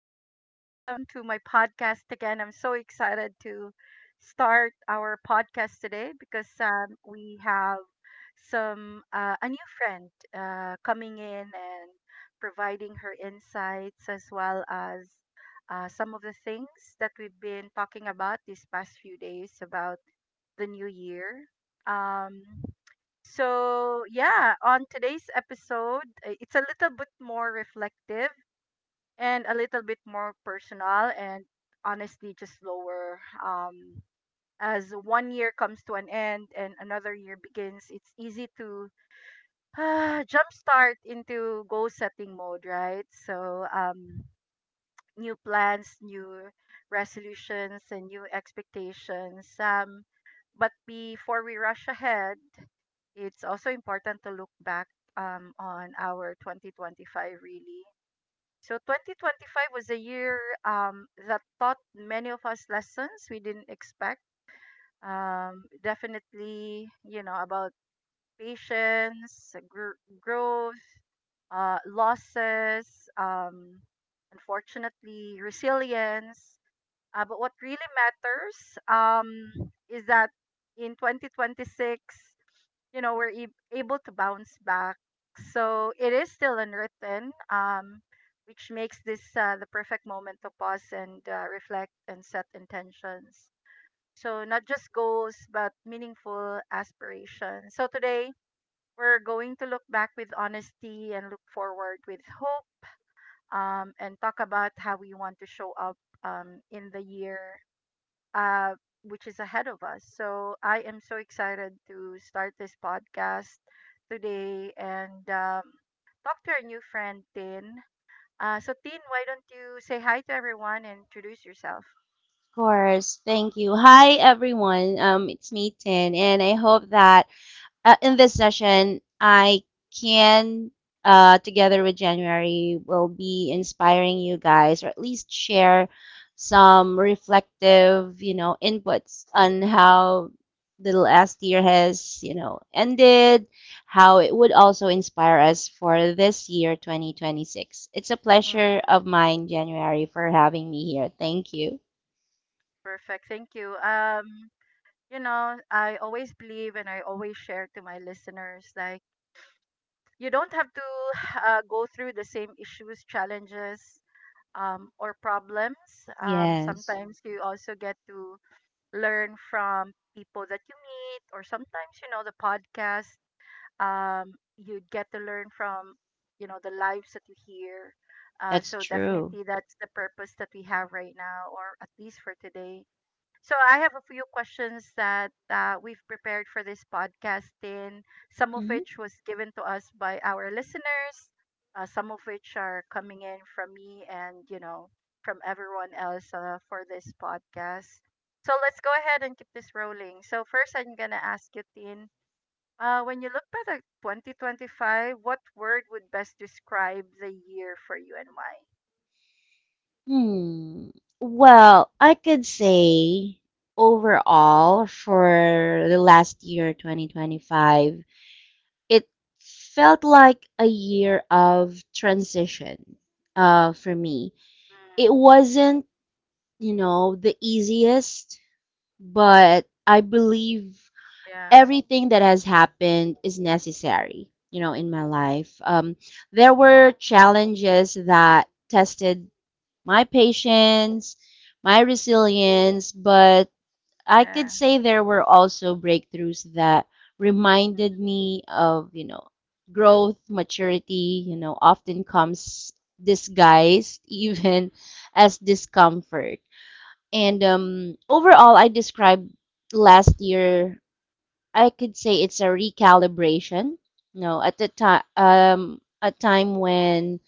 Welcome to my podcast again. I'm so excited to start our podcast today because we have some a new friend coming in and providing her insights as well as some of the things that we've been talking about these past few days about the new year. Um, so yeah, on today's episode, it's a little bit more reflective and a little bit more personal and honestly just lower um as one year comes to an end and another year begins. It's easy to jumpstart into goal setting mode, right? So new plans, new resolutions, and new expectations, but before we rush ahead, it's also important to look back on our 2025, really. So 2025 was a year, that taught many of us lessons we didn't expect. Definitely, about patience, growth, losses, um, unfortunately, resilience. But what really matters, is that in 2026, we're ab able to bounce back. So it is still unwritten, which makes this the perfect moment to pause and reflect and set intentions. So not just goals, but meaningful aspirations. So today we're going to look back with honesty and look forward with hope, and talk about how we want to show up, in the year uh, which is ahead of us. So I am so excited to start this podcast today and talk to our new friend, Tin. So, Tin, why don't you say hi to everyone and introduce yourself? Course. Thank you. Hi, everyone. It's me, Tin, and I hope that in this session, I can, together with January, will be inspiring you guys, or at least share some reflective, inputs on how the last year has, ended, how it would also inspire us for this year, 2026. It's a pleasure Mm, of mine, January, for having me here. Thank you. perfect. Thank you. I always believe and I always share to my listeners like, you don't have to go through the same issues, challenges, or problems. Yes, Sometimes you also get to learn from people that you meet, or sometimes the podcast, um you get to learn from the lives that you hear. uh, that's so true. definitely that's the purpose that we have right now, or at least for today. So I have a few questions that we've prepared for this podcast, and some of Mhm. which was given to us by our listeners, some of which are coming in from me and from everyone else, for this podcast. So let's go ahead and keep this rolling. So first, I'm gonna ask you, Tin, when you look back at 2025, what word would best describe the year for you and why? Hmm. Well, I could say overall for the last year, 2025, it felt like a year of transition for me. It Mm, wasn't, the easiest, but I believe yeah, everything that has happened is necessary, in my life. There were challenges that tested my patience, my resilience, but I could yeah, say there were also breakthroughs that reminded mm, me of, growth. Maturity, often comes disguised even as discomfort. And overall, I described last year, I could say it's a recalibration. You know, at the time, a time when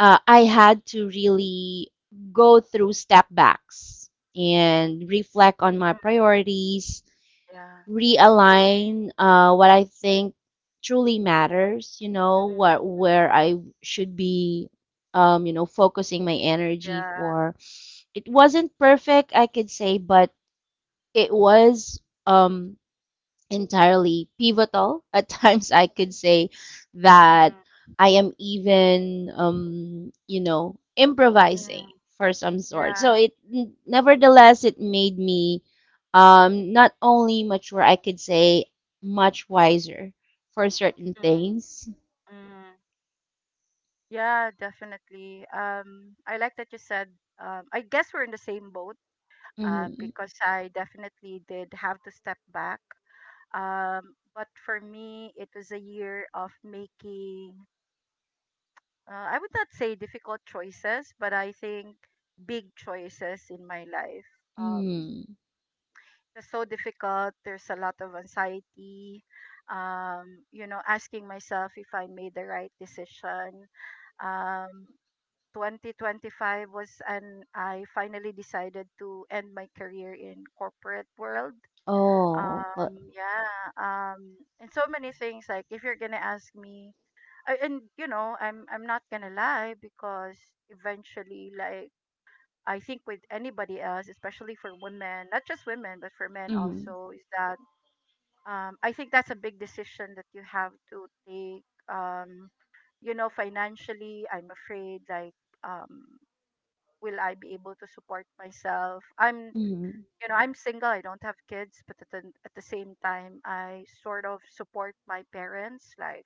I had to really go through step backs and reflect on my priorities, yeah, realign what I think truly matters, mhm, what where I should be focusing my energy yeah. for. It wasn't perfect, I could say, but it was entirely pivotal. At times, I could say that Mm, I am even, improvising mm, for some sort. yeah. Nevertheless, it made me not only mature, I could say much wiser for certain Mm, things. mm. Yeah, definitely. I like that you said, I guess we're in the same boat, Mm-hmm. because I definitely did have to step back. But for me, it was a year of making, I would not say difficult choices, but I think big choices in my life. Um, Mm. It's so difficult. There's a lot of anxiety. Asking myself if I made the right decision. Um, 2025 was an I finally decided to end my career in corporate world. Oh, well, Yeah. And so many things, like if you're gonna ask me, and I'm not gonna lie because eventually, like I think with anybody else, especially for women, not just women, but for men mm-hmm. also, is that, I think that's a big decision that you have to take. Financially, I'm afraid like, um, will I be able to support myself? I'm, Mm-hmm. you know, I'm single. I don't have kids, but at at the same time, I sort of support my parents. Like,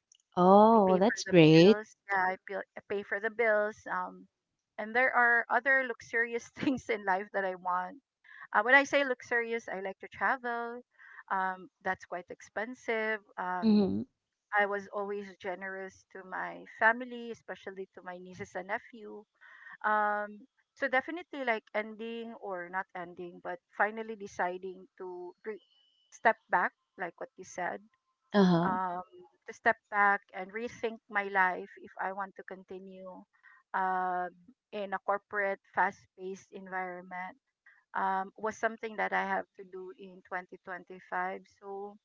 I Oh, pay for that's the great. bills. Yeah, I pay for the bills. And there are other luxurious things in life that I want, when I say luxurious, I like to travel. That's quite expensive. Mm-hmm. I was always generous to my family, especially to my nieces and nephew. Um, so definitely like ending, or not ending, but finally deciding to step back, like what you said, Uh-huh. um, to step back and rethink my life if I want to continue, um, in a corporate, fast-paced environment, was something that I have to do in 2025. So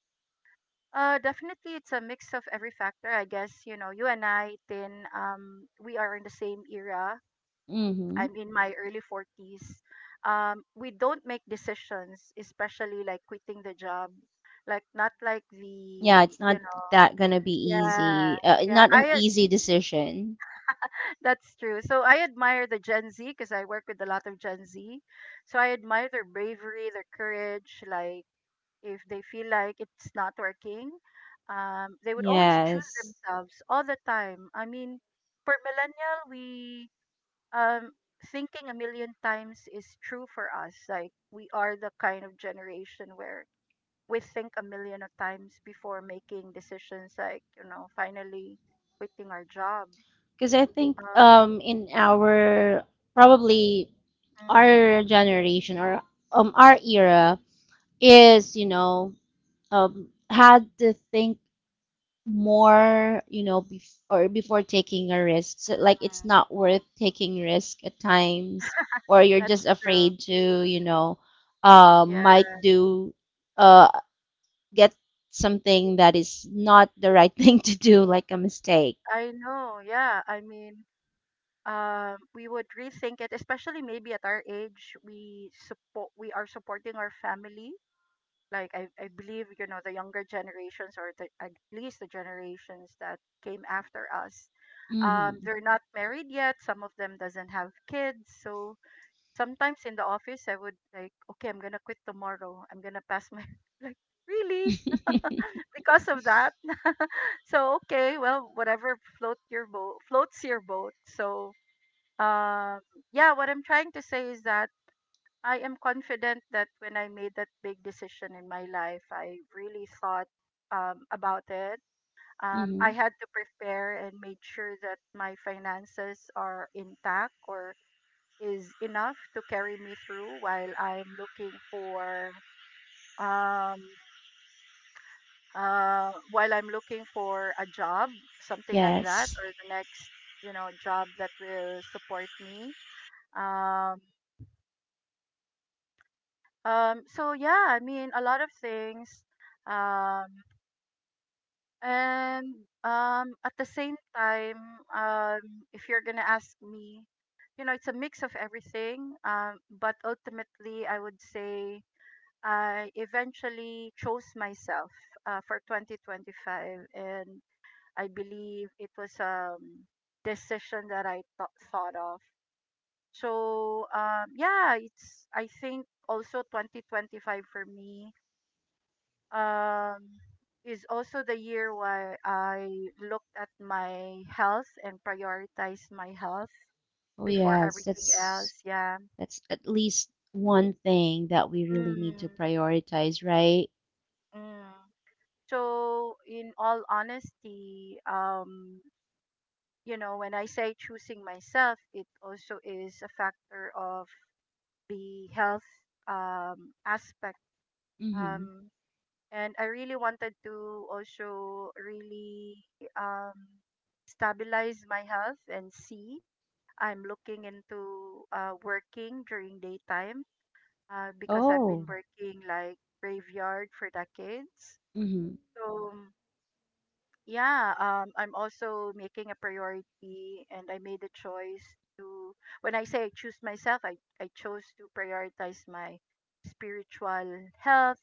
definitely it's a mix of every factor. I guess, you and I, Tin, we are in the same era. Mm-hmm. I'm in my early 40s. We don't make decisions, especially like quitting the job. Like, not like Yeah, the, it's not you know, that gonna be yeah. easy. Yeah, Not an easy decision. that's true. So I admire the Gen Z because I work with a lot of Gen Z. So I admire their bravery, their courage, like if they feel like it's not working, they would always choose Yes. themselves all the time. I mean, for millennial, we um, thinking a million times is true for us. Like we are the kind of generation where we think a million of times before making decisions. Like finally quitting our job. Because I think Um, in our, probably mhm, our generation, or our era is, had to think more, before taking a risk. So, like it's mhm. not worth taking risk at times, or you're just That's true. afraid to, Yeah, might do uh, get something that is not the right thing to do, like a mistake. I know. Yeah, I mean, we would rethink it, especially maybe at our age, we support we are supporting our family, like I believe, the younger generations, or at least the generations that came after us, Mm-hmm. they're not married yet, some of them doesn't have kids. So sometimes in the office I would like, okay, I'm gonna quit tomorrow, I'm gonna pass my like really because of that. So okay, well, whatever floats your boat. So um yeah, what I'm trying to say is that I am confident that when I made that big decision in my life, I really thought, about it. Mm-hmm. I had to prepare and made sure that my finances are intact or is enough to carry me through while I'm looking for, um, while I'm looking for a job, something like that, Yes. or the next job that will support me. Um Um, so yeah, I mean a lot of things. Um, and at the same time, if you're gonna ask me, it's a mix of everything. But ultimately, I would say I eventually chose myself, for 2025, and I believe it was decision that I thought of. So yeah, it's, I think, also 2025 for me, um, is also the year where I looked at my health and prioritized my health Oh, before yes. everything That's else. Yeah. that's at least one thing that we really need to Mm, prioritize, right? mm. So in all honesty, when I say choosing myself, it also is a factor of the health, aspect. Mm-hmm. Um, and I really wanted to also really, um, stabilize my health and see. I'm looking into working during daytime, because I've been Oh. working like graveyard for decades. Mm-hmm. So yeah, I'm also making a priority, and I made a choice to. When I say I choose myself, I chose to prioritize my spiritual health.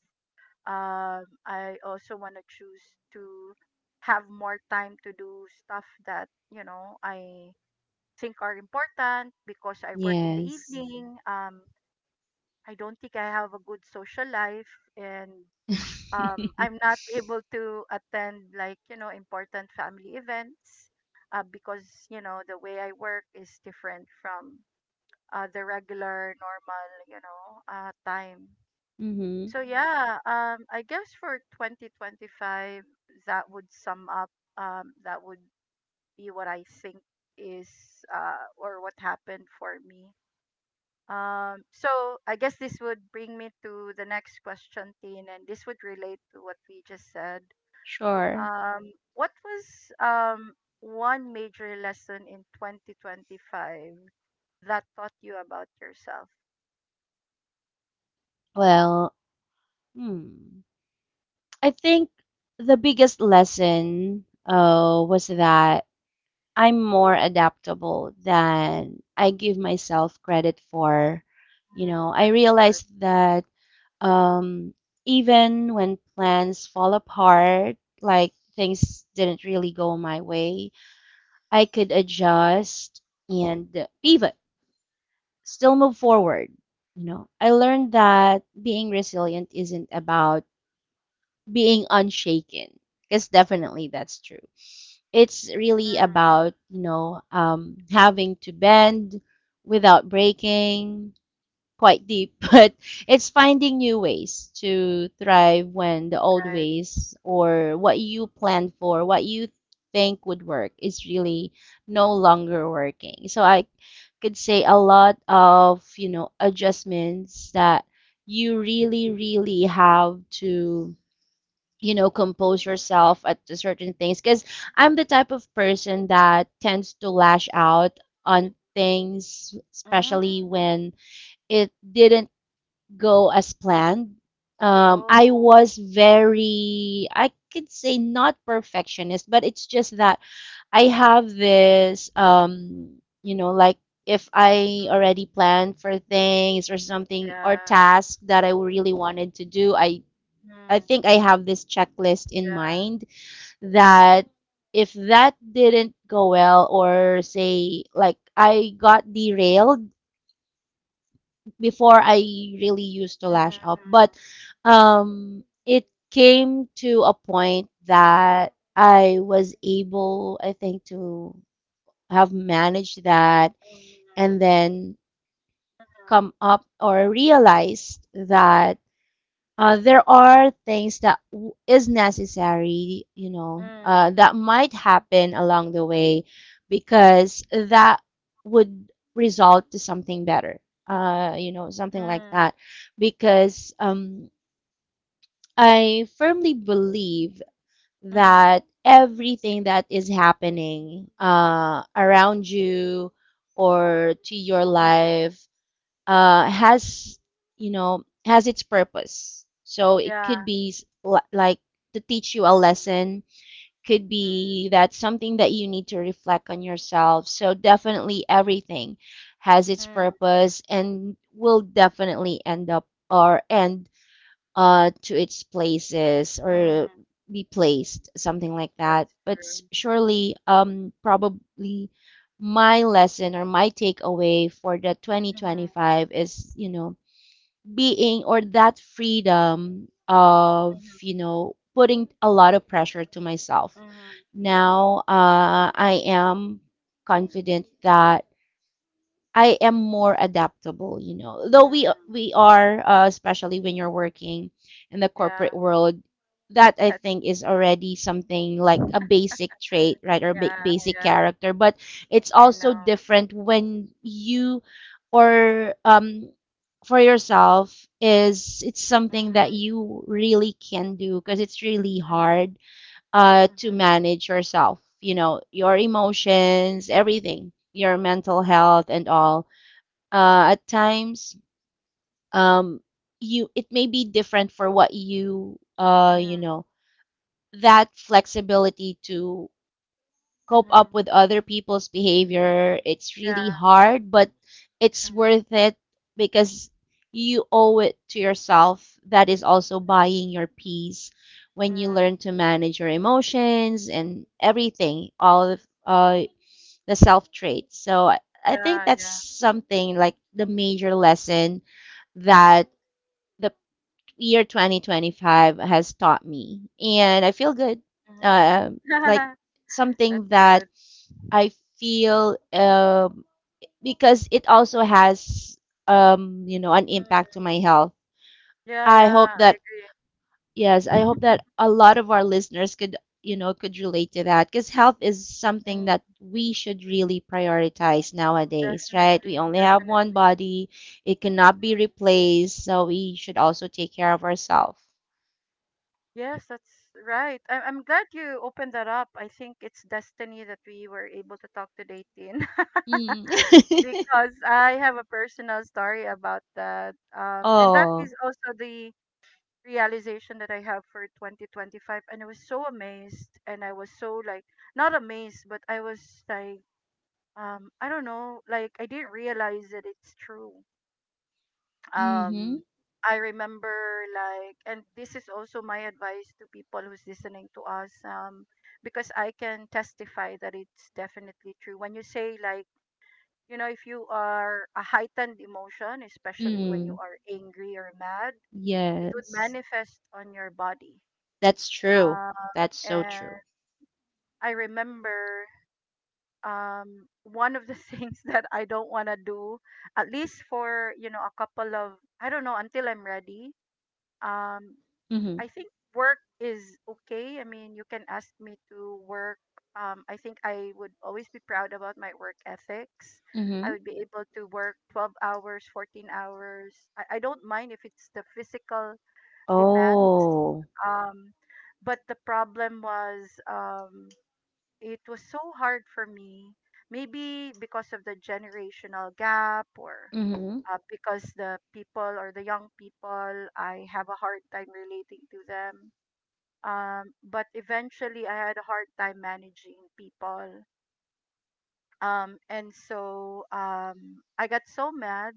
I also want to choose to have more time to do stuff that, I think are important, because I work in the Yes. evening. I don't think I have a good social life, and mm-hmm. I'm not able to attend, like important family events, because the way I work is different from the regular normal, time. So yeah, I guess for 2025, that would sum up. That would be what I think is or what happened for me. So I guess this would bring me to the next question, Tin, and this would relate to what we just said. Sure. What was, um, one major lesson in 2025 that taught you about yourself? Well, hmm. I think the biggest lesson was that I'm more adaptable than I give myself credit for. You know, Mm, I that's good. realized that, Yeah. um, even when plans fall apart, like things didn't really go my way, I could adjust and pivot, still move forward. You know, I learned that being resilient isn't about being unshaken, because definitely that's true. It's really Mm, about, having to bend without breaking. Quite deep, but it's finding new ways to thrive when the old right. ways or what you planned for, what you think would work, is really no longer working. So I could say a lot of, adjustments that you really really have to, compose yourself at certain things, because I'm the type of person that tends to lash out on things, Mm. Mm. especially when it didn't go as planned. I Oh. was very, I could say, not perfectionist, but it's just that I have this, like, if I Mm. already planned for things or something, or Yeah. tasks that I really wanted to do, I Mm. think I have this checklist in Yeah. mind that if that didn't go well, or say, like, I got derailed before, I really used to Mm. lash out, but it came to a point that I was able, I think, to have managed that, Mm. and then come up or realized that, there are things that is necessary, you Mm. know, Mm. that might happen along the way, because that would result to something better, something like Mm. that. Because I firmly believe Mm. Mhm. that everything that is happening around you or to your Mhm. life has you know has its purpose. So it Yeah. could be like to teach you a Mm. lesson, could Mm. be that something that you need to reflect on yourself. So definitely everything has its Mm. purpose and will definitely end up or end to its places or Mm. be placed something like that, That's but true. surely, probably, my lesson or my takeaway for the Mhm. 2025 is, being, or that freedom of Mhm. Putting a lot of pressure to myself. Mhm. Now I am confident that I am more adaptable, you know. Though we Mm. we are, especially when you're working in the corporate Yeah. world, that I That's, think is already something like a basic trait, right, or yeah. Basic Yeah. character. But it's I also know. different when you, or for yourself, is it's something that Mhm. you really can do, because it's really Mhm. hard to Mhm. manage yourself, you know, your emotions, everything, your mental health and all, at times, um, you, it may be different for what you, you Mhm. know that flexibility to cope up Mhm. with other people's behavior. It's really Yeah. hard, but it's Mhm. worth it, because you owe it to yourself. That is also Mm. buying your peace, when you Mm. learn to manage your emotions and everything, all of uh, the self traits. So I think Yeah. that's Yeah. something like the major lesson that the year 2025 has taught me. And I feel good. Mhm. Uh, like That's something that good. I feel, because it also has, an impact Mm. to my health. Yeah, I hope yeah, I that agree. Yes, I hope that a lot of our listeners could relate to that, because health is something Mm, that we should really prioritize nowadays, right? We definitely, only have one definitely. body, it cannot be replaced, so we should also take care of ourselves. Yes, that's right. I'm glad you opened that up. I think it's destiny that we were able to talk to Tin, Mm. because I have a personal story about that. And that Oh, is also the realization that I have for 2025. And I was so amazed, and I was so like, not amazed, but I was like, I don't know, like I didn't realize that it's true. mm-hmm. um I remember, like, and this is also my advice to people who's listening to us, because I can testify that it's definitely true when you say, like, you know, if you are a heightened emotion, especially when you Mm. are angry or mad, it would Yes. manifest on your body. That's true. um That's so and true. I remember one of the things that I don't want to do, at least for, you know, a couple of, I don't know, until I'm ready. um Mm-hmm. I think work is okay. I mean, you can ask me to work. I think I would always be proud about my work ethics. I Mm-hmm. would be able to work 12 hours, 14 hours. I don't mind if it's the physical demands. Oh. Um, but the problem was, it was so hard for me. Maybe because of the generational gap, or Mm-hmm. Because the people, or the young people, I have a hard time relating to them. But eventually, I had a hard time managing people. And so, I got so mad.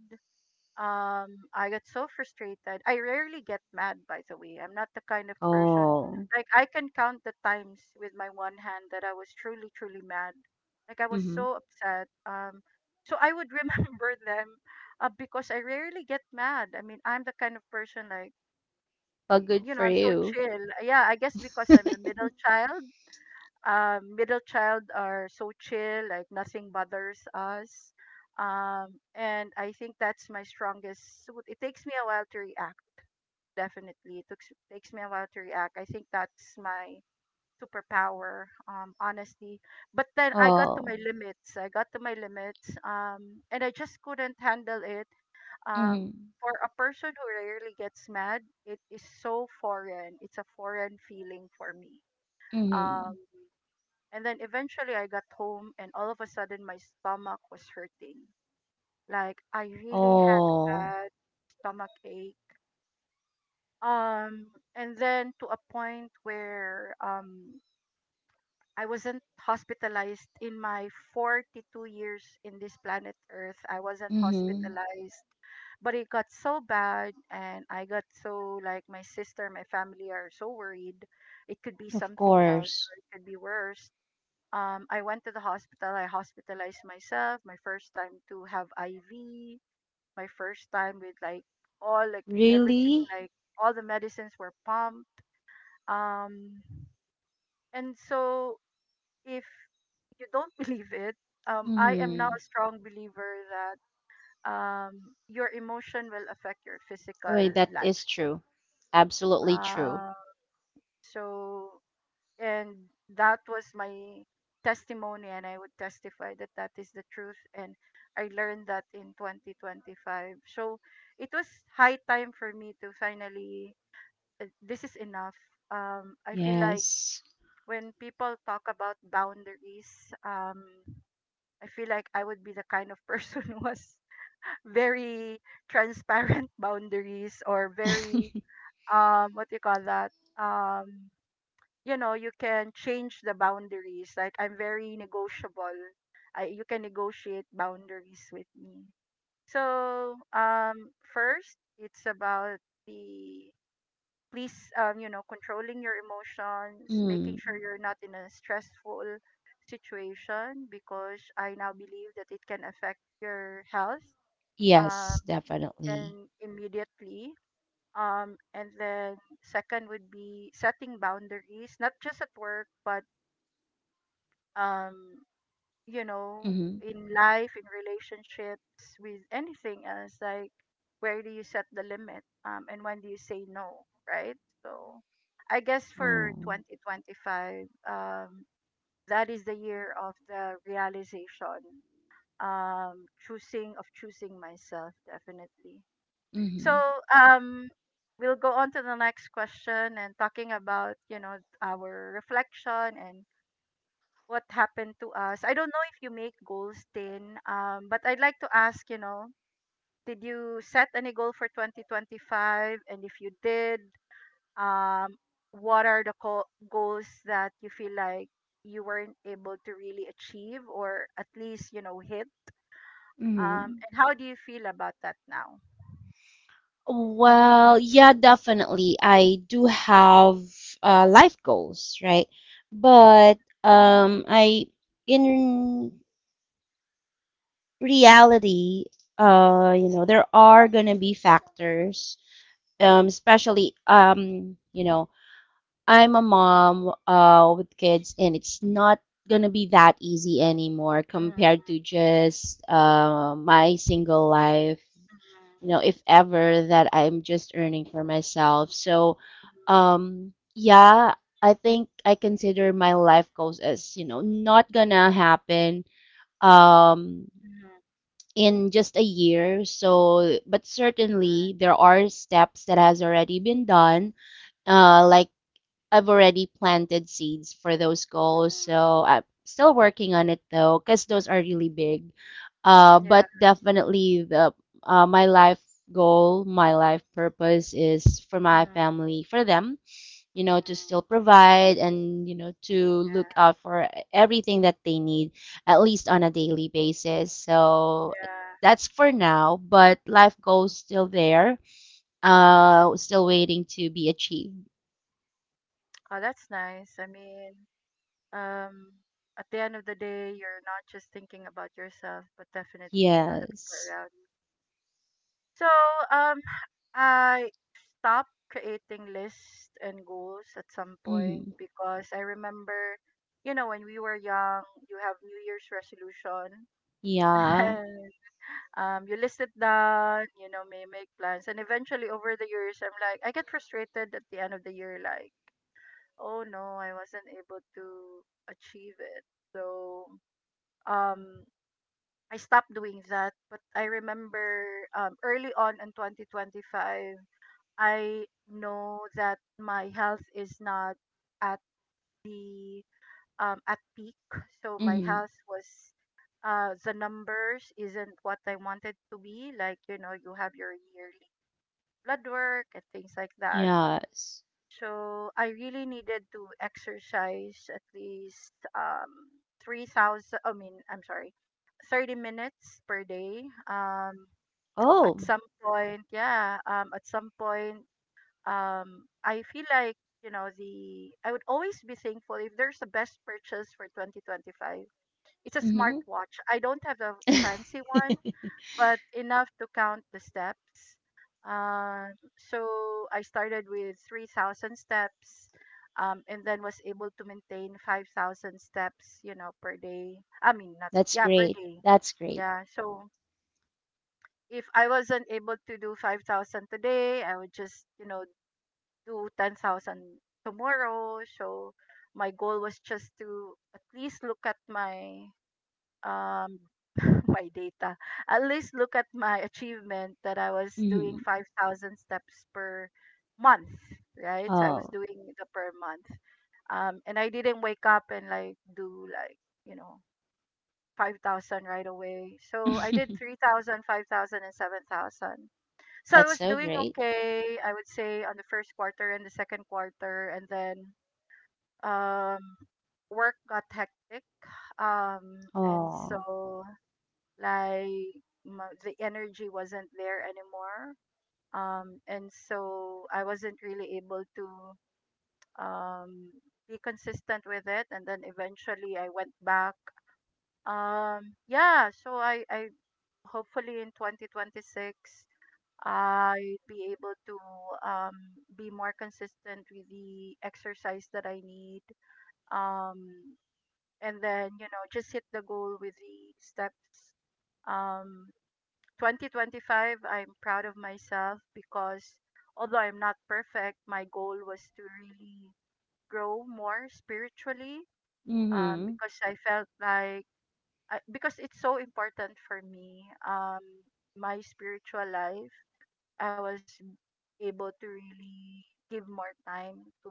I got so frustrated. I rarely get mad, by the way. I'm not the kind of person, Oh. like, I can count the times with my one hand that I was truly, truly mad. Like, I was Mm-hmm. so upset. So I would remember them, because I rarely get mad. I mean, I'm the kind of person, like, Well, good you know, for I'm so you. chill. Yeah, I guess because I'm the middle child. Middle child are so chill, like nothing bothers us. And I think that's my strongest suit. It takes me a while to react, definitely. It takes me a while to react. I think that's my superpower, honestly. But then I got to Oh. my limits. I got to my limits, and I just couldn't handle it. Um, Mm-hmm. for a person who rarely gets mad, it is so foreign. It's a foreign feeling for me. um, Mm-hmm. and then eventually I got home and all of a sudden my stomach was hurting. Like, I really had Oh, bad stomach ache. Um and then to a point where, I wasn't hospitalized in my 42 years in this planet Earth. I wasn't mm-hmm. hospitalized, but it got so bad, and I got so, like, my sister, my family are so worried it could be Of something else or course. it could be worse. I went to the hospital. I hospitalized myself. My first time to have IV. My first time with, like, all, like, everything, Really? like, all the medicines were pumped. Um, and so, if you don't believe it, I am now Mm-hmm. a strong believer that um, your emotion will affect your physical Wait, that life. is true. Absolutely true. Uh, so, and that was my testimony, and I would testify that that is the truth, and I learned that in 2025. So it was high time for me to finally, this is enough. I feel like Yes. when people talk about boundaries, I feel like I would be the kind of person who was very transparent boundaries, or very, what do you call that? You know, you can change the boundaries, like, I'm very negotiable. You can negotiate boundaries with me. So, first it's about the, please, you know, controlling your emotions, making sure Mm. you're not in a stressful situation, because I now believe that it can affect your health. um Yes, definitely. and immediately, and then second would be setting boundaries not just at work but, um you know, Mm-hmm. in life, in relationships, with anything else, like, where do you set the limit? And when do you say no, right? So I guess for Oh. 2025, that is the year of the realization, choosing, of choosing myself, definitely. So, Mm-hmm. um we'll go on to the next question and talking about, you know, our reflection and what happened to us. I don't know if you make goals, Tin, but I'd like to ask, you know, did you set any goal for 2025? And if you did, um, what are the goals that you feel like you weren't able to really achieve or at least, you know, hit? Mm-hmm. And how do you feel about that now? Well, yeah, definitely. I do have, life goals, right? But I in reality, there are gonna be factors, Mhm, especially, I'm a mom, with kids, and it's not gonna be that easy anymore mhm, compared to just, my single life, if ever that I'm just earning for myself. So, mhm, yeah, I think I consider my life goals as, not gonna happen. Um, mhm, in just a year. So, but alright, certainly there are steps that has already been done. Like I've already planted seeds for those goals. mhm. So I'm still working on it though, because those are really big. Yeah. But definitely the my life goal, my life purpose, is for my Mhm, family, for them, to still mhm. provide and, to look Yeah. out for everything that they need, at least on a daily basis. So Yeah. that's for now, but life Mhm. goals still there, still waiting to be achieved. Oh, that's nice. I mean, um at the end of the day you're not just thinking about yourself but definitely, you know, the people Yes. around you. So, um I stopped creating lists and goals at some point Mm-hmm. because I remember, you know, when we were young you have new year's resolution, Yeah. and you list it down, you know, may make plans, and eventually over the years I'm like, I get frustrated at the end of the year, like, oh no, I wasn't able to achieve it. So, um I stopped doing that, but I remember early on in 2025, I know that my health is not at the, at peak. So my Mm-hmm. health was, the numbers isn't what I wanted to be. Like, you know, you have your yearly blood work and things like that. Yes. So I really needed to exercise at least, 3000, I mean, I'm sorry, 30 minutes per day. At Oh. some point, yeah, at some point, I feel like, you know, the, I would always be thankful if there's a best purchase for 2025, it's a Mm-hmm. smartwatch. I don't have a fancy one, but enough to count the steps. So I started with 3,000 steps, and then was able to maintain 5,000 steps, you know, per day. I mean, not, That's yeah, per great. day. That's great. Yeah. So if I wasn't able to do 5,000 today, I would just, you know, do 10,000 tomorrow. So my goal was just to at least look at my, um, my data. At least look at my achievement that I was doing Mm-hmm. 5,000 steps per month, right? So I was Oh. doing the per month. And I didn't wake up and like do, like, you know, 5,000 right away. So I did 3,000, 5,000, and 7,000. So I That's was so doing great. okay, I would say, on the first quarter and the second quarter. And then, um, work got hectic. And Oh. so, like, the energy wasn't there anymore. And so I wasn't really able to um be consistent with it, and then eventually I went back. Yeah, so I hopefully in 2026 I'd be able to um be more consistent with the exercise that I need, um and then, you know, just hit the goal with the steps. um 2025, I'm proud of myself because although I'm not perfect, my goal was to really grow more spiritually, Mm-hmm. because I felt like, because it's so important for me, my spiritual life, I was able to really give more time to,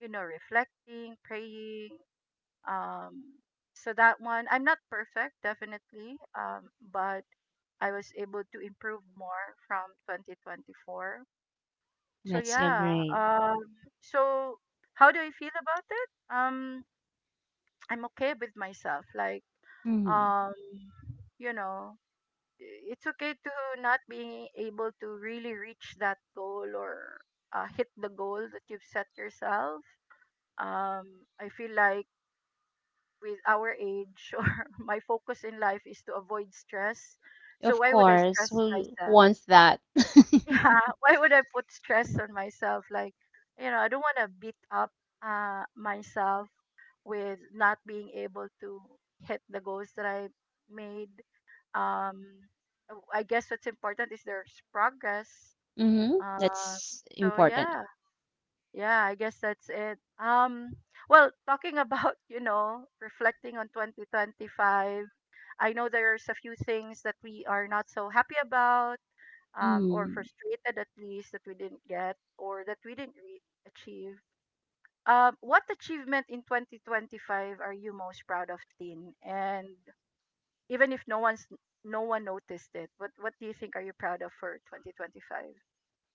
you know, reflecting, praying, um, so that one, I'm not perfect, definitely, but I was able to improve more from 2024. So That's so yeah, great. um, so how do I feel about it? I'm okay with myself. Like, hmm um, you know, it's okay to not being able to really reach that goal or, hit the goal that you've set yourself. I feel like with our age or my focus in life is to avoid stress. So Of why would I course, stress who myself? wants that? Yeah, why would I put stress on myself? Like, you know, I don't want to beat up, myself with not being able to hit the goals that I made. Um, I guess what's important is there's progress. hmm Uh, That's so important. yeah, yeah, I guess that's it. Well, talking about you know, reflecting on 2025, I know there's a few things that we are not so happy about, or Mm. frustrated, at least, that we didn't get or that we didn't achieve. What achievement in 2025 are you most proud of, Tin? And even if no one's, no one noticed it, what do you think are you proud of for 2025?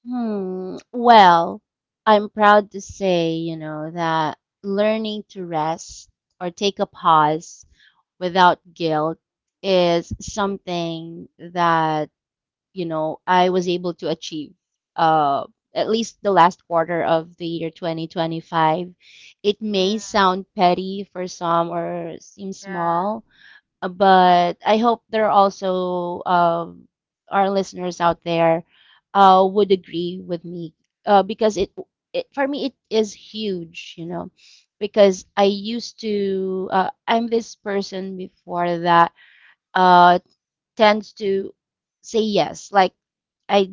Hmm. Well, I'm proud to say, that learning to rest or take a pause without guilt is something that, I was able to achieve, uh, at least the last quarter of the year 2025. It may Mm, sound petty for some or seem yeah, small, but I hope there are also, our listeners out there would agree with me, because it for me it is huge, because I used to I'm this person before that uh, tends to say yes. Like I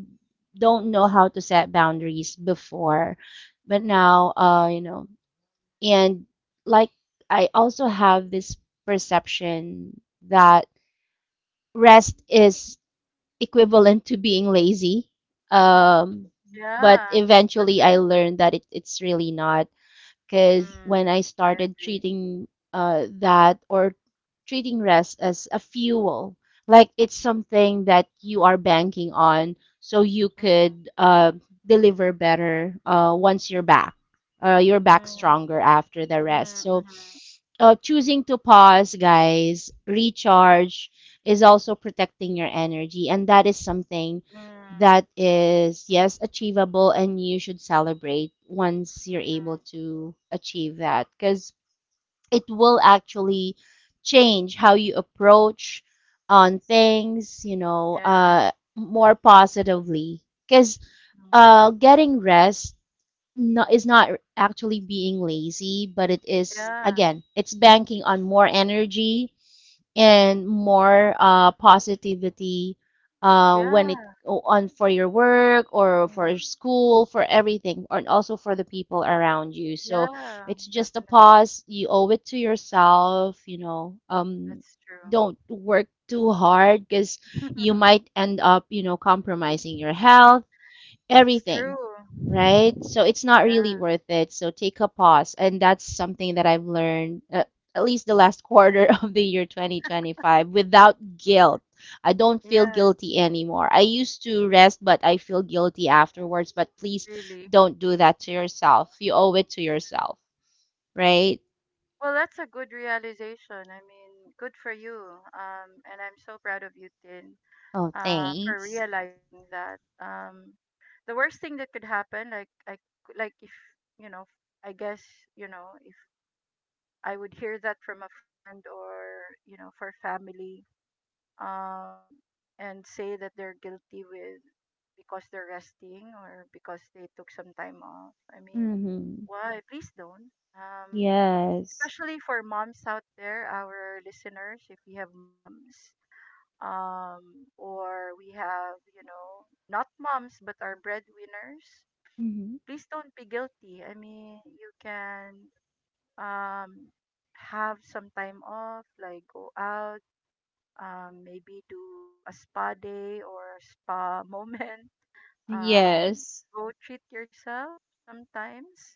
don't know how to set boundaries before, but now, and like I also have this perception that rest is equivalent to being lazy. Um, but yeah, eventually I learned definitely. that it's really not. Because Mm, when I I started agree. treating, that or treating rest as a fuel, like it's something that you are banking on, so you Mm, could deliver better once you're back. You're back mm, stronger after the rest. mm, So, mm, choosing to pause, guys, recharge, is also protecting your energy, and that is something mm, that is, yes, achievable, and you should celebrate once you're able mm, to achieve that, because it will actually change how you approach on things, yeah, more positively. Because mm, getting rest, not, is not actually being lazy, but it is, yeah, again, it's banking on more energy and mhm. more positivity when it Yeah. on for your work or for Mhm. your school for everything and also for the people around you, so Yeah, it's just a definitely. pause, you owe it to yourself, That's true. don't work too hard, because you might end up, compromising your health, That's everything, true. right? So it's not really Yeah. worth it. So take a pause. And that's something that I've learned, at least the last quarter of the year 2025, without guilt. I don't feel Yes, guilty anymore. I used to rest, but I feel guilty afterwards. But please really. don't do that to yourself. You owe it to yourself, right? Well, that's a good realization. I mean, good for you. And I'm so proud of you, Tin, Oh, for thanks. realizing that. The worst thing that could happen, like, I, like if, you know, I guess, you know, if I would hear that from a friend or, you know, for family, um, and say that they're guilty with, because they're resting or because they took some time off. I mean, Mm-hmm. why? Please don't. Yes. Especially for moms out there, our listeners, if we have moms, or we have, you know, not moms but are breadwinners, Mm-hmm. please don't be guilty. I mean, you can, um, have some time off, like go out, maybe do a spa day or spa moment. Um, Yes. go treat yourself sometimes.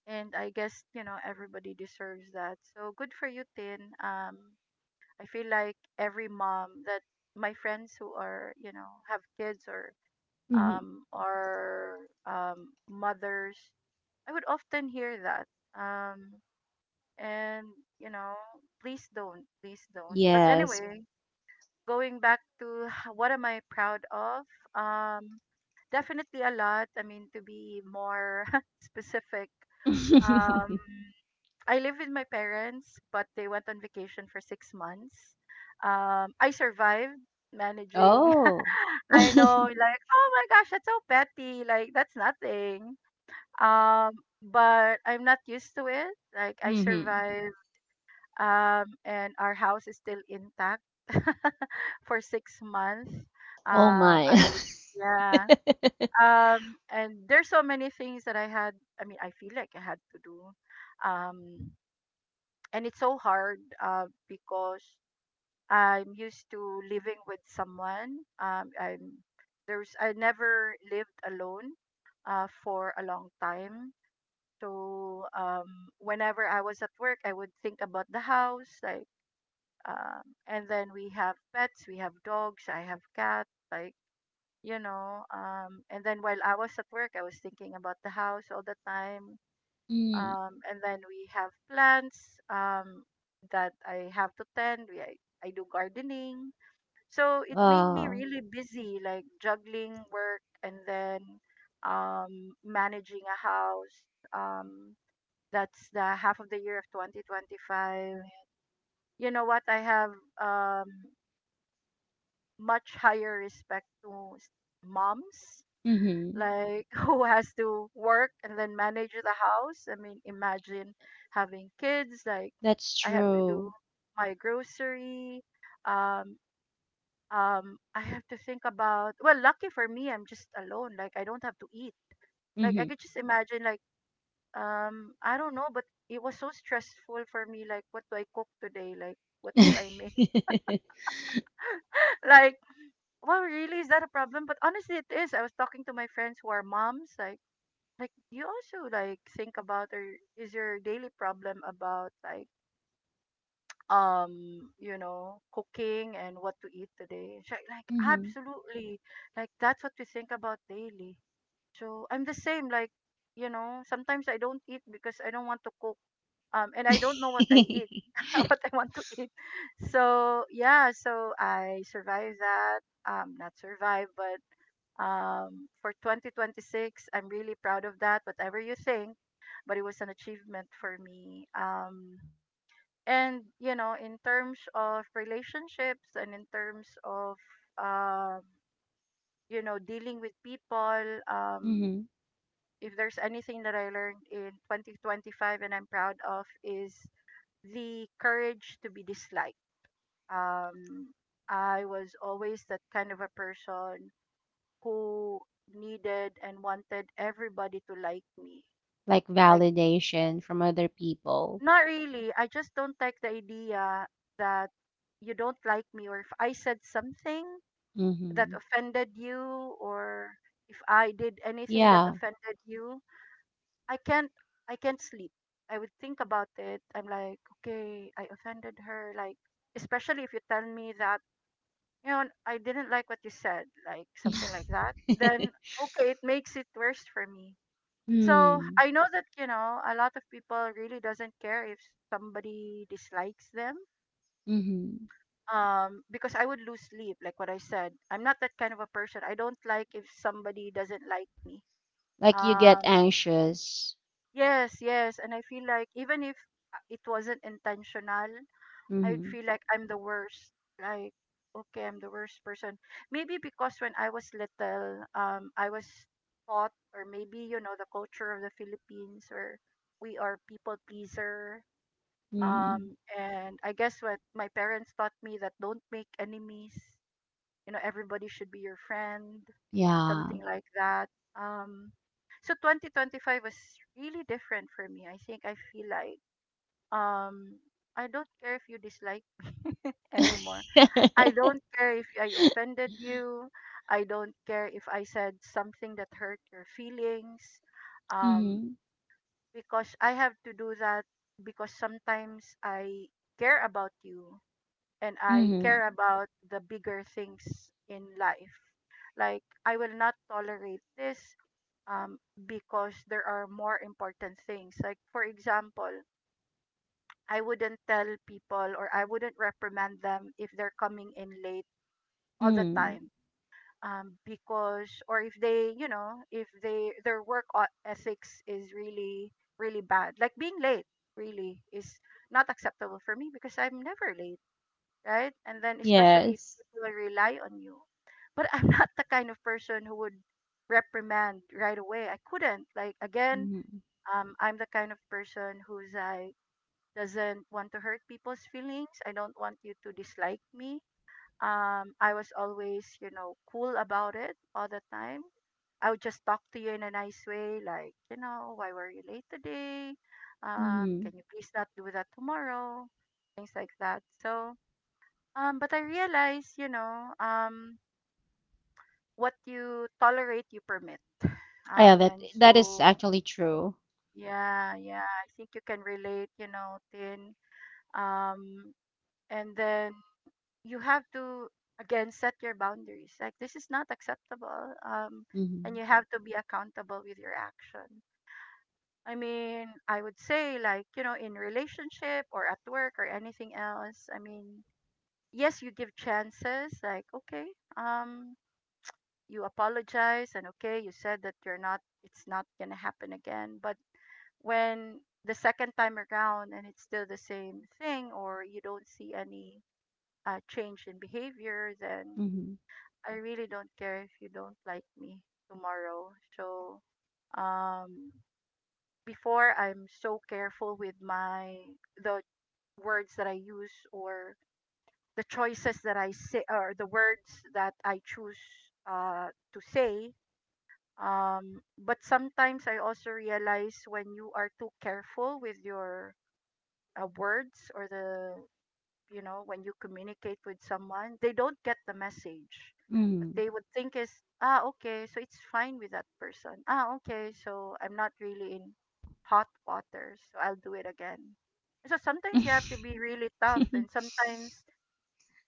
And I guess, you know, everybody deserves that. So good for you, Tin. I feel like every mom that, my friends who are, you know, have kids or, Mm-hmm. Are, mothers, I would often hear that. Um, and, you know, please don't. But Yes. anyway, going back to what am I proud of? Um, Definitely a lot. I mean, to be more specific, um, I live with my parents, but they went on vacation for 6 months. I survived managing. oh. I know, like, oh my gosh, that's so petty. Like, that's nothing. Um, but I'm not used to it. Like, I Mm-hmm. survived and our house is still intact for 6 months. Oh my. I did, yeah. And there's so many things that I had. I mean, I feel like I had to do. Um, and it's so hard because I'm used to living with someone. I'm There's I never lived alone for a long time. So whenever I was at work, I would think about the house, and then we have pets, we have dogs, I have cat, like, you know. And then while I was at work, I was thinking about the house all the time. Mm. And then we have plants that I have to tend. I do gardening. So it made me Uh. really busy, like juggling work and then managing a house. Um, that's the half of the year of 2025. You know what? I have um, much higher respect to moms, Mm-hmm. like, who has to work and then manage the house. I mean, imagine having kids, like, That's I have to true. do my grocery. um I have to think about, well, lucky for me, I'm just alone. Like, I don't have to eat. Like, I Mm-hmm. could just imagine, like, I don't know, but it was so stressful for me. Like, what do I cook today? Like, what do I make? Like, well, really? Is that a problem? But honestly, it is. I was talking to my friends who are moms. Like, do you also like think about, or is your daily problem about, like, you know, cooking and what to eat today? She's like, Mm-hmm. absolutely. Like, that's what we think about daily. So I'm the same. Like, you know, sometimes I don't eat because I don't want to cook. And I don't know what I eat, what I want to eat. So yeah, so I survive that. Not survive, but for 2026. I'm really proud of that, whatever you think, but it was an achievement for me. And, you know, in terms of relationships and in terms of, um, you know, dealing with people, um, Mm-hmm. if there's anything that I learned in 2025 and I'm proud of is the courage to be disliked. Um, I was always that kind of a person who needed and wanted everybody to like me. Like Like, validation from other people. not really. I just don't like the idea that you don't like me, or if I said something that Hmm. offended you, or if I did anything that Yeah. offended you, I can't I can't sleep. I would think about it. I'm like, okay, I offended her. Like, especially if you tell me that, you know, I didn't like what you said, like something like that, then okay, it makes it worse for me. So Mm. I know that you know a lot of people really doesn't care if somebody dislikes them. Mm-hmm. Because I would lose sleep, like what I said. I'm not that kind of a person. I don't like if somebody doesn't like me. Like you get Um, anxious. yes, yes, and I feel like even if it wasn't intentional, I would Mm-hmm. feel like I'm the worst. Like, okay, I'm the worst person. Maybe because when I was little, I was taught, or maybe you know, the culture of the Philippines, or we are people pleaser. Mm-hmm. And I guess what my parents taught me that don't make enemies. You know, everybody should be your friend, Yeah. something like that. Um, so 2025 was really different for me. I think I feel like um, I don't care if you dislike anymore. I don't care if I offended you. I don't care if I said something that hurt your feelings. Um, Mm-hmm. because I have to do that, because sometimes I care about you and I Mm-hmm. care about the bigger things in life. Like, I will not tolerate this, um, because there are more important things. Like, for example, I wouldn't tell people, or I wouldn't reprimand them if they're coming in late all the Mm-hmm. time, because, or if they, you know, if they their work ethics is really really bad, like being late really is not acceptable for me because I'm never late, right? And then, especially if Yes. people rely on you, but I'm not the kind of person who would reprimand right away. I couldn't, like, again, Mm-hmm. I'm the kind of person who's like doesn't want to hurt people's feelings. I don't want you to dislike me. I was always, you know, cool about it all the time. I would just talk to you in a nice way, like, you know, why were you late today? Mm-hmm. Can you please not do that tomorrow? Things like that. So, but I realized, you know, what you tolerate, you permit. Yeah, that And that is so, actually true. yeah, yeah, I think you can relate, you know, Tin. Um, and then you have to, again, set your boundaries, like this is not acceptable, and Mhm. you have to be accountable with your action. I mean, I would say, like, you know, in relationship or at work or anything else, I mean, yes, you give chances, like, okay, um you apologize and okay, you said that you're not, it's not going to happen again, but when the second time around and it's still the same thing, or you don't see any change in behavior, then Mhm. I really don't care if you don't like me tomorrow. So, um before, I'm so careful with my the words that I use, or the choices that I say, or the words that I choose uh to say, but sometimes I also realize when you are too careful with your, words, or the, you know, when you communicate with someone, they don't get the message. What Mhm. they would think is, ah, okay, so it's fine with that person. Ah, okay, so I'm not really in hot water, so I'll do it again. And so sometimes you have to be really tough, and sometimes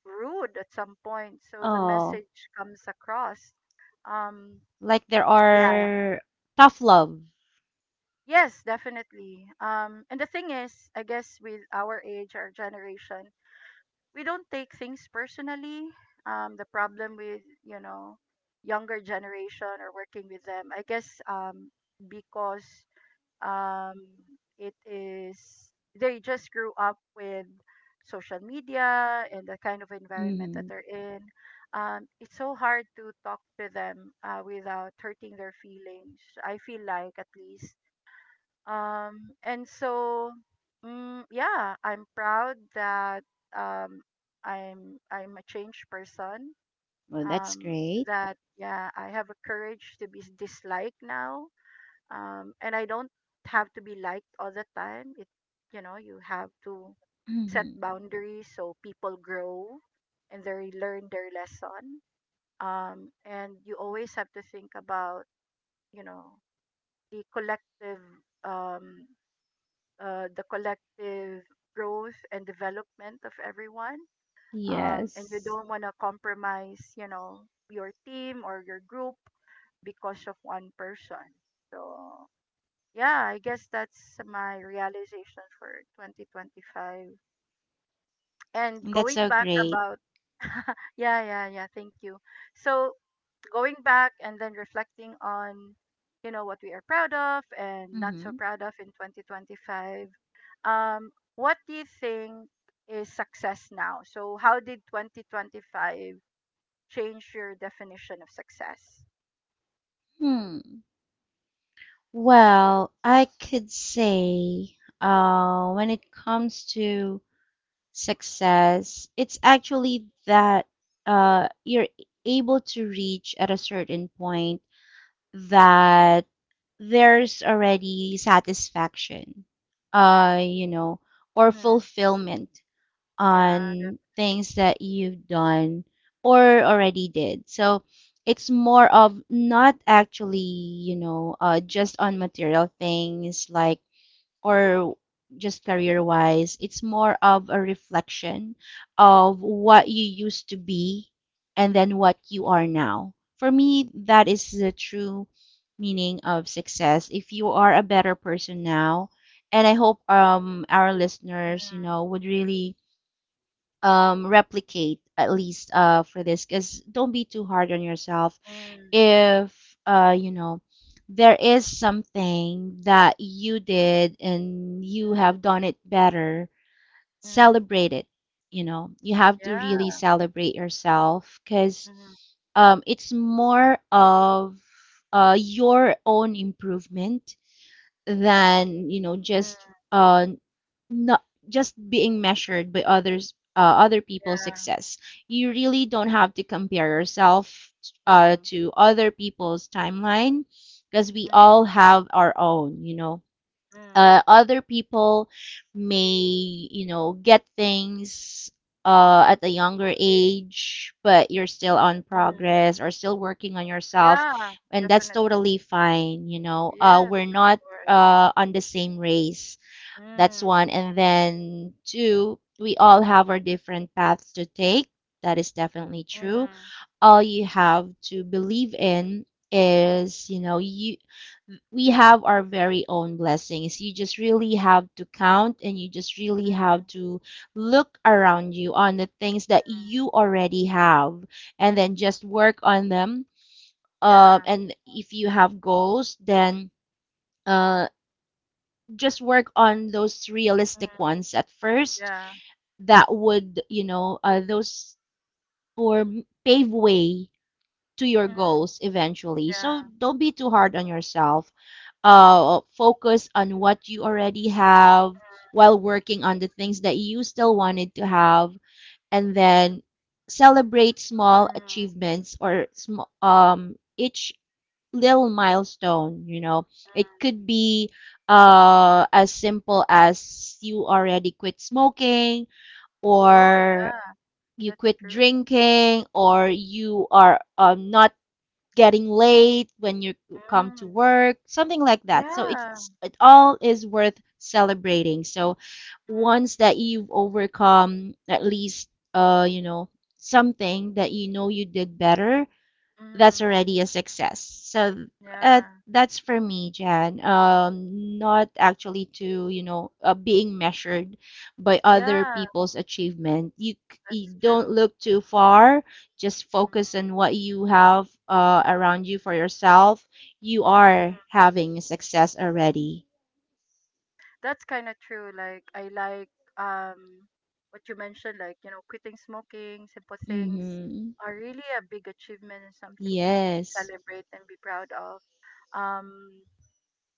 rude at some point, so the Oh, message comes across. um like there yeah, are tough love. yes, definitely. And the thing is, I guess with our age, our generation, we don't take things personally. The problem with, you know, younger generation, or working with them, I guess, because um, it is they just grew up with social media and the kind of environment that Mhm. they're in. It's so hard to talk to them without hurting their feelings. I feel like, at least, and so, mm, yeah, I'm proud that um, I'm a changed person. Well, that's Um, great. that, yeah, I have a courage to be disliked now. And I don't have to be liked all the time. It, you know, you have to set Mhm. boundaries so people grow and they learn their lesson. And you always have to think about, you know, the collective, um the collective growth and development of everyone. And you Yes. don't want to compromise, you know, your team or your group because of one person. So, yeah, I guess that's my realization for 2025. And That's going so back great. about, yeah, yeah, yeah, thank you. So, going back and then reflecting on, you know, what we are proud of and not so Mhm. proud of in 2025, um what do you think is success now? So how did 2025 change your definition of success? Hmm. Well, I could say when it comes to success, it's actually that you're able to reach at a certain point that there's already satisfaction, you know, or Mm-hmm. fulfillment Yeah, def- on things that you've done or already did. So it's more of not actually, you know, just on material things like or just career wise, it's more of a reflection of what you used to be and then what you are now. For me, that is the true meaning of success if you are a better person now. And I hope our listeners, you know, mm-hmm. would really replicate, at least for this, because don't be too hard on yourself Mm-hmm. if, you know, there is something that you did and you Mm-hmm. have done it better, Mm-hmm. celebrate it. You know, you have to really Yeah. celebrate yourself because Mm-hmm. It's more of your own improvement than, you know, just Mm-hmm. Not just being measured by others, other people's Yeah. success. You really don't have to compare yourself Mm-hmm. to other people's timeline because we all Mm-hmm. have our own, you know, Mm-hmm. Other people may, you know, get things at a younger age, but you're still on Mm-hmm. progress or still working on yourself, Yeah, and that's definitely. totally fine. You know, Yes, we're of not course. On the same race. That's Mm, one. And then two, we all have our different paths to take. That is definitely true. mhm, All you have to believe in is, you know, you we have our very own blessings. You just really have to count and you just really have mhm. to look around you on the things that Mhm. you already have and then just work on them. Yeah. And if you have goals, then, uh, just work on those realistic Mhm. ones at first Yeah. that would, you know, those or pave way to your Mhm. goals eventually. So Yeah. don't be too hard on yourself. Focus on what you already have while working on the things that you still wanted to have, and then celebrate small Mhm. achievements or each little milestone, you know. It Mhm. could be as simple as you already quit smoking, Oh, or yeah. you That's quit true. drinking, or you are, not getting late when you come to Mm. work, something like that. So Yeah. it all is worth celebrating. So Mhm. once that you've overcome, at least, you know, something that you know you did better, that's Mhm. already a success. So, Yeah. that's for me, Jan. Not actually to, you know, being measured by other Yeah. people's achievement. You That's don't true. look too far. Just Mhm. focus on what you have around you for yourself. You are having success already. That's kind of true. Like I like, um what you mentioned, like, you know, quitting smoking, simple things Mm-hmm. are really a big achievement and something to Yes, celebrate and be proud of. Um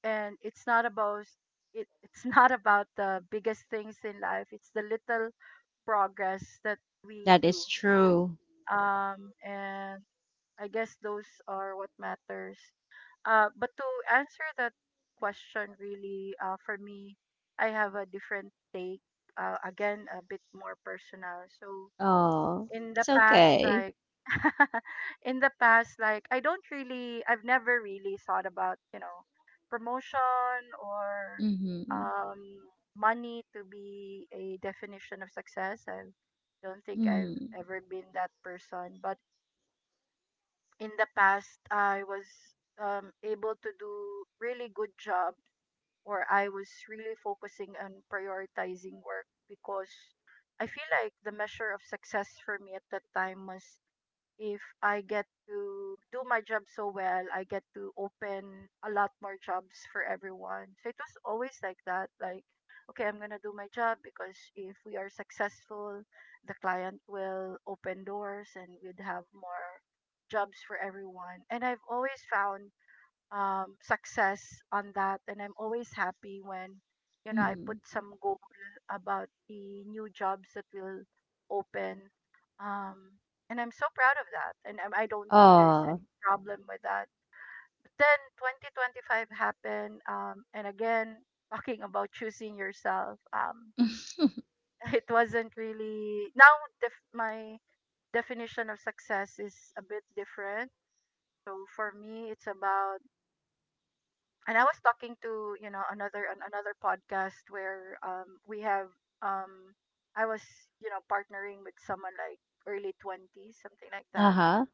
and it's not about it, it's not about the biggest things in life, it's the little progress that we that do, is true. And I guess those are what matters. But to answer that question really, for me, I have a different take, again, a bit more personal. So Oh, in the it's past, okay. like, in the past, like, I've never really thought about, you know, promotion or Mm-hmm. um money to be a definition of success. I don't think I've Mm-hmm. ever been that person, but in the past I was able to do really good job, or I was really focusing on prioritizing work because I feel like the measure of success for me at that time was if I get to do my job so well, I get to open a lot more jobs for everyone. So it was always like that. Like, okay, I'm gonna do my job because if we are successful, the client will open doors and we'd have more jobs for everyone. And I've always found success on that, and I'm always happy when you know I Mm-hmm. put some goal about the new jobs that will open um, and I'm so proud of that. And I don't think there's Oh. any problem with that. But then 2025 happened, and again, talking about choosing yourself, it wasn't really. Now my definition of success is a bit different. So for me it's about, and I was talking to you know another podcast where we have um I was you know partnering with someone like early 20s, something like that. Uh-huh.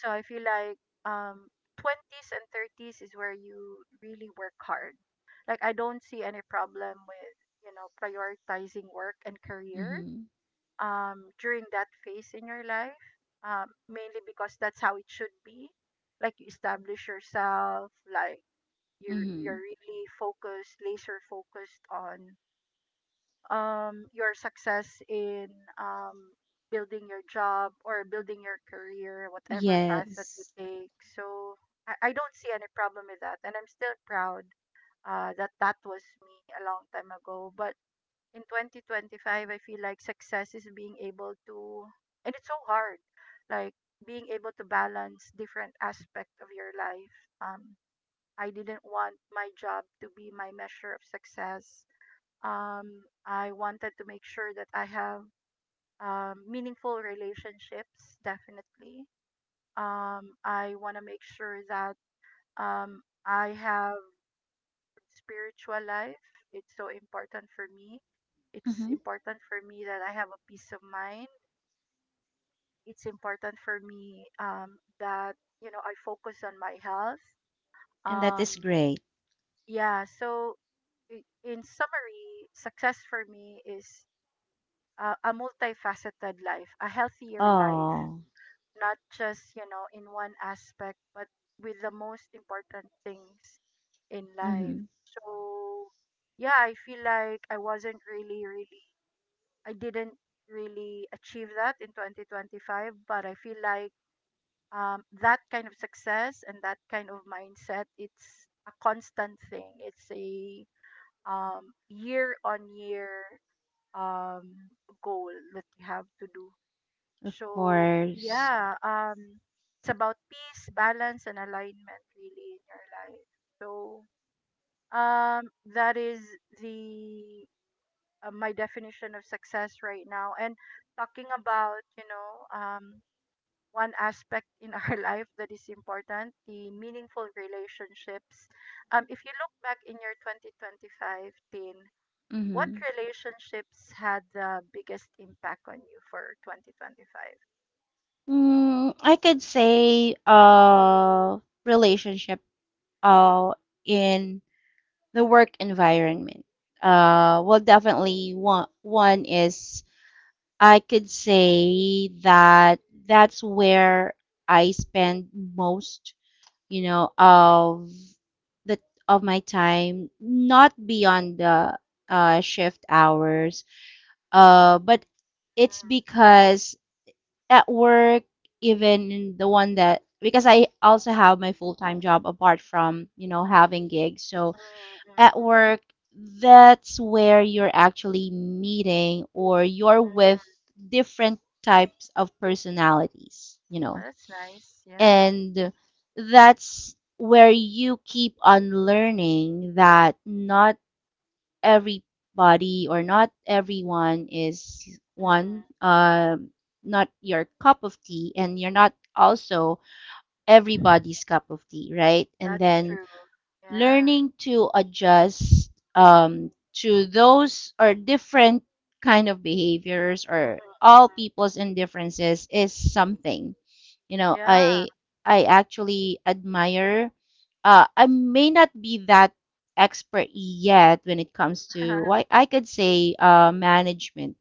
So I feel like um 20s and 30s is where you really work hard. Like, I don't see any problem with you know prioritizing work and career Mm-hmm. During that phase in your life. Mainly because that's how it should be. Like, you establish yourself, like you're Mm-hmm. really focused, laser focused on your success in um building your job or building your career, whatever path that you Yes. take. So I don't see any problem with that, and I'm still proud that that was me a long time ago. But in 2025, I feel like success is being able to, and it's so hard, like being able to balance different aspect of your life. Um, I didn't want my job to be my measure of success. I wanted to make sure that I have meaningful relationships, definitely. I want to make sure that I have spiritual life. It's so important for me. It's Mm-hmm. important for me that I have a peace of mind. It's important for me, that you know I focus on my health. And that is Um, great. yeah. So in summary, success for me is a multifaceted life, a healthier life, Oh. not just, you know, in one aspect, but with the most important things in life. Mm-hmm. So, yeah, I feel like I wasn't really, really, I didn't really achieve that in 2025, but I feel like that kind of success and that kind of mindset, it's a constant thing. It's a year on year um, goal that you have to do. Of So course. yeah, it's about peace, balance, and alignment really in your life. So that is the my definition of success right now. And talking about you know one aspect in our life that is important, the meaningful relationships. If you look back in your 2025 team, what Mm-hmm. relationships had the biggest impact on you for 2025? Mm, I could say relationship uh in the work environment. Uh, well, definitely, one is, I could say that that's where I spend most, you know, of the of my time, not beyond the shift hours. But it's because at work, even in the one that, because I also have my full time job apart from, you know, having gigs. So at work, that's where you're actually meeting or you're with different types of personalities. You know, Well, that's nice. Yeah. and that's where you keep on learning that not everybody or not everyone is Mm. one, not your cup of tea, and you're not also everybody's cup of tea, right? And That's then true. Yeah. learning to adjust, to those or different kind of behaviors Mm, or all mm. people's indifferences is something, you know, Yeah. I actually admire. I may not be that expert yet when it comes to why I could say, management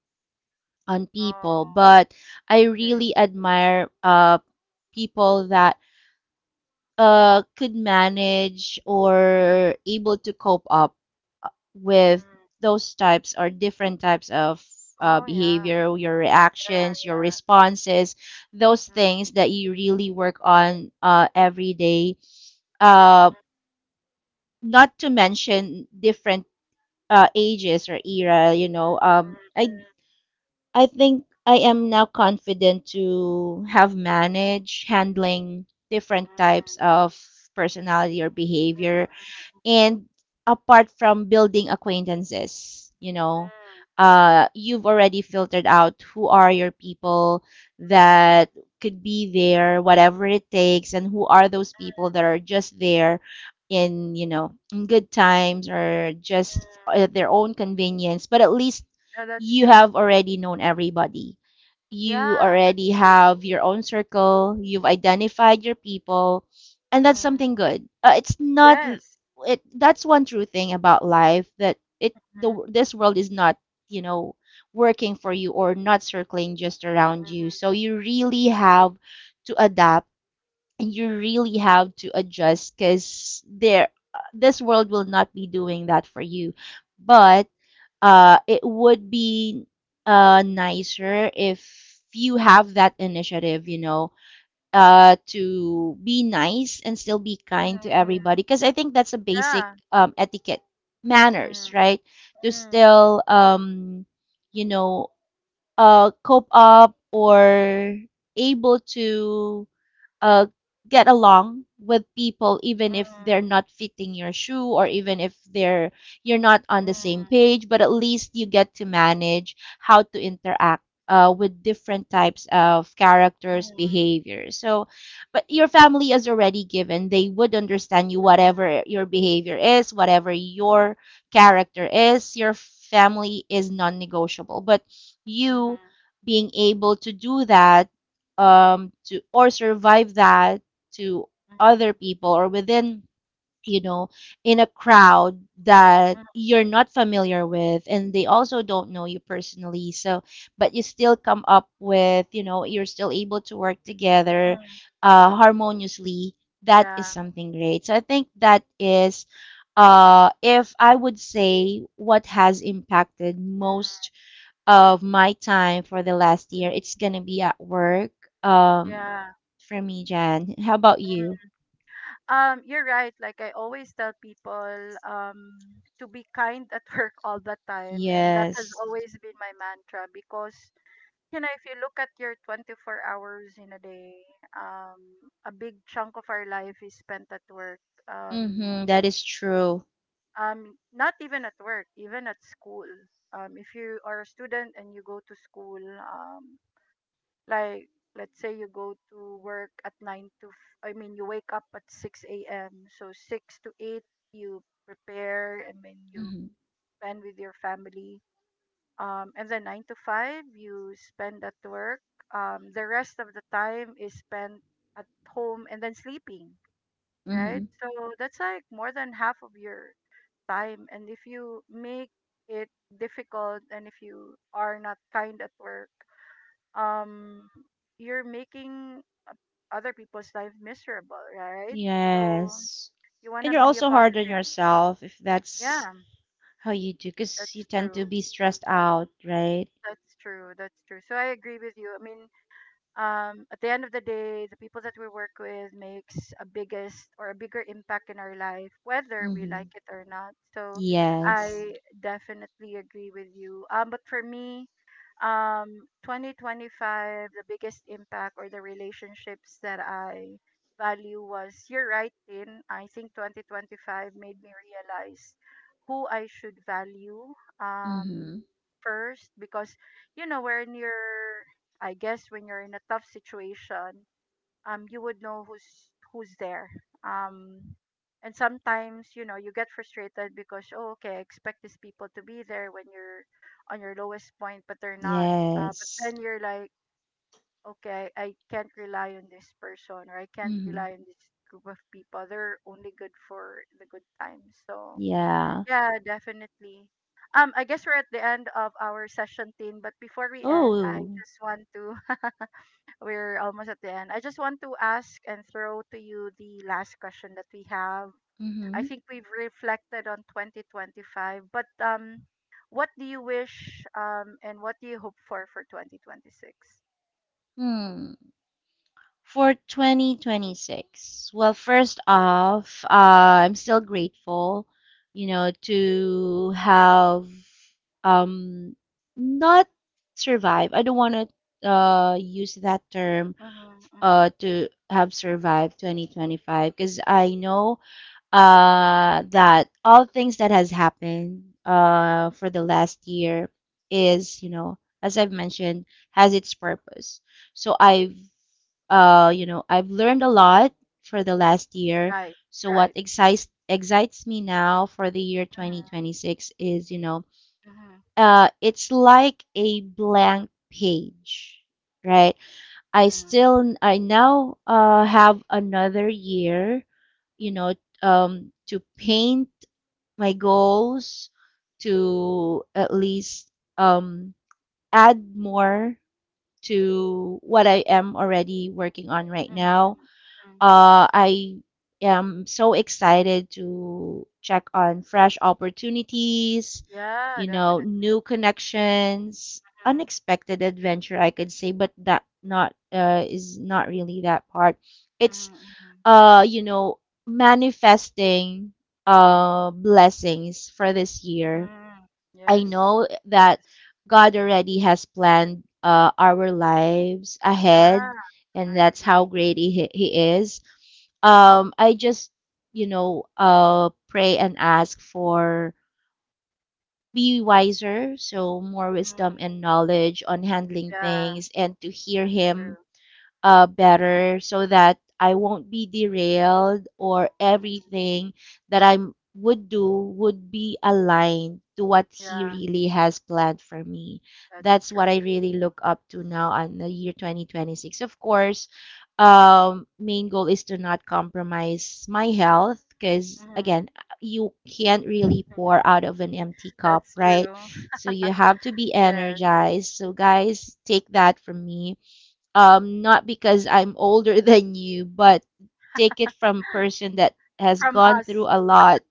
on people, Oh, but I okay. really admire people that could manage or able to cope up with Mm. those types or different types of Oh, yeah. behavior, your Yeah, reactions, your yeah. responses, those Mm. things that you really work on every day. Uh, Mm, not to mention different ages or era, you know. Mm, I think I am now confident to have managed handling mm, mm, different types mm, of personality or behavior, mm, and apart from building acquaintances, you mm, know, mm, you've already filtered out who are your people that could be there, whatever it takes, and who are those people that are just there in, you know, in good times or just mm. at their own convenience. But at least Yeah, that's you true. have already known everybody. Yeah, You that's already true. have your own circle. You've identified your people, and that's Mm. something good. It's not Yes. it, that's one true thing about life, that it the this world is not, you know, working for you or not circling just around you, Mm. so you really have to adapt and you really have to adjust because there this world will not be doing that for you. But, it would be nicer if you have that initiative, you know, to be nice and still be kind Mm, to mm. everybody, because I think that's a basic, Yeah. Etiquette, manners, Mm, right? To mm, still, you know, cope up or able to uh, get along with people even if they're mm, not fitting your shoe, or even if they're, you're not on the same mm, page, but at least you get to manage how to interact, with different types of characters, mm, behaviors. So but your family is already given. They would understand you mm, whatever your behavior is, whatever your character is. Your family is non-negotiable. But you, mhm, being able to do that, to or survive that to other mhm, people or within, you know, in a crowd that mm, you're not familiar with, and they also don't know you personally. So but you still come up with, you know, you're still able to work together mm. Harmoniously. That is Yeah. something great. So I think that is, if I would say what has impacted Mhm, most of my time for the last year, mhm. it's gonna be at work. Um, Yeah. for me, Jan. How about you? Mm-hmm. You're right. Like, I always tell people, to be kind at work all the time, and that has Yes. always been my mantra because you know if you look at your 24 hours in a day, um, a big chunk of our life is spent at work. Mm-hmm. Um, That is true. Not even at work, even at school. If you are a student and you go to school, like let's say you go to work at 9 to, I mean, you wake up at six a.m. So 6 to 8, you prepare and then you Mm-hmm. spend with your family. And then 9 to 5, you spend at work. The rest of the time is spent at home and then sleeping, right? Mm-hmm. So that's like more than half of your time, and if you make it difficult and if you are not kind at work, um you're making uh, other people's life miserable, right? So Yes. you want And to you're be a also hard on positive. yourself if that's Yeah, how you do, because you that's tend to true, be stressed out, right? that's true, that's true. So I agree with you. I mean, at the end of the day, the people that we work with makes a biggest or a bigger impact in our life, whether we like Mm-hmm. it or not. So Yes. I definitely agree with you. But for me, 2025, the biggest impact or the relationships that I value was, you're right, Tin. I think 2025 made me realize who I should value, um, Mm-hmm. first, because, you know, when you're, I guess when you're in a tough situation, you would know who's there. Um, and sometimes you know you get frustrated because, oh, okay, I expect these people to be there when you're on your lowest point, but they're not. But Yes. then you're like, okay, I can't rely on this person or I can't Mm-hmm. rely on this group of people. They're only good for the good times. So Yeah. yeah, definitely. I guess we're at the end of our session, Tin. But before we end, I Oh. just want to we're almost at the end. I just want to ask and throw to you the last question that we have. I Mm-hmm. think we've reflected on 2025, but what do you wish, and what do you hope for 2026? Hmm. For 2026, well, first off, I'm still grateful, you know, to have um not survive, I don't want to use that term, Mm-hmm, mm-hmm. to have survived 2025, because I know that all things that has happened for the last year is, you know, as I've mentioned, has its purpose. So I've, you know, I've learned a lot for the last year. Right, So what right. excites me now for the year Mm-hmm, 2026 is, you know, mm-hmm, it's like a blank page, right? I mm-hmm, still I now have another year, you know, to paint my goals, to at least um, add more to what I am already working on right mm-hmm. now. Mm-hmm. I am so excited to check on fresh opportunities, Yeah, you know, definitely. new connections, Mm-hmm, unexpected adventure, I could say, but that not, is not really that part. It's, mm-hmm, you know, manifesting blessings for this year. mm-hmm. I Yes, know of that course. God already has planned, our lives Yeah, ahead, and I that's how agree. great he is. I just, you know, pray and ask for be wiser, so more Mm, wisdom and knowledge on handling yeah, things, and to hear that's Him true. Better, so that I won't be derailed, or Mm, everything that I would do would be aligned to what he yeah. really has planned for me. That's That's what I true. really look up to now on the year 2026. Of course, main goal is to not compromise my health because, Mhm. again, you can't really pour out of an empty cup, That's right? true. So you have to be Yes. energized. So, guys, take that from me, not because I'm older than you, but take it from person that has From gone through us. a lot.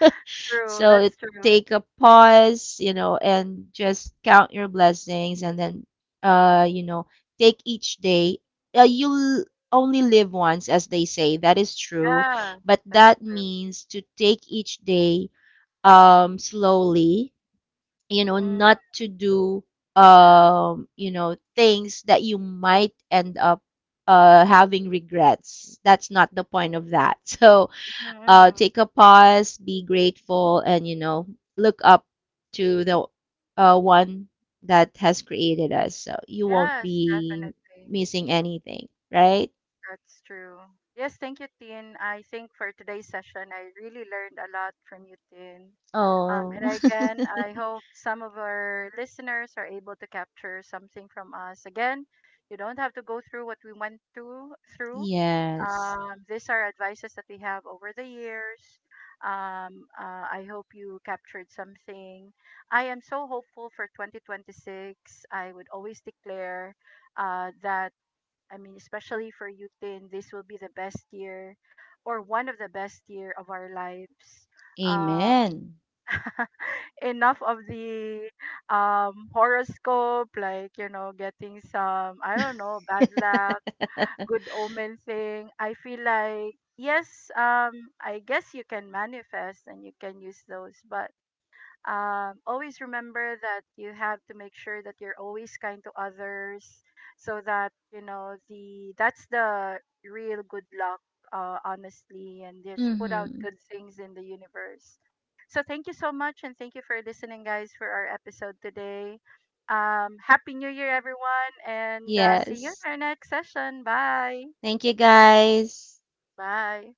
True. So That's true. take a pause, you know, and just count your blessings, and then, you know, take each day. You only live once, as they say. That is true, Yeah. but That's that true. means to take each day slowly, you know, Mm, not to do, yeah. You know, things that you might end up having regrets. That's not the point of that. So, Mm-hmm. take a pause, be grateful, and, you know, look up to the, one that has created us. So you won't Yes, be definitely. missing anything, right? That's true. Yes, thank you, Tin. I think for today's session, I really learned a lot from you, Tin. Oh, And again, I hope some of our listeners are able to capture something from us. Again, you don't have to go through what we went through through. yes. These are advices that we have over the years. I hope you captured something. I am so hopeful for 2026. I would always declare, that, I mean, especially for you, Tin, this will be the best year or one of the best year of our lives. Um, Amen. enough of the horoscope, like, you know, getting some, I don't know, bad luck, good omen thing. I feel like, yes, I guess you can manifest and you can use those, but always remember that you have to make sure that you're always kind to others so that you know the that's the real good luck, honestly, and just put out Mm-hmm. good things in the universe. So thank you so much, and thank you for listening, guys, for our episode today. Happy New Year, everyone, and see you in Yes. our next session. Bye. Thank you, guys. Bye.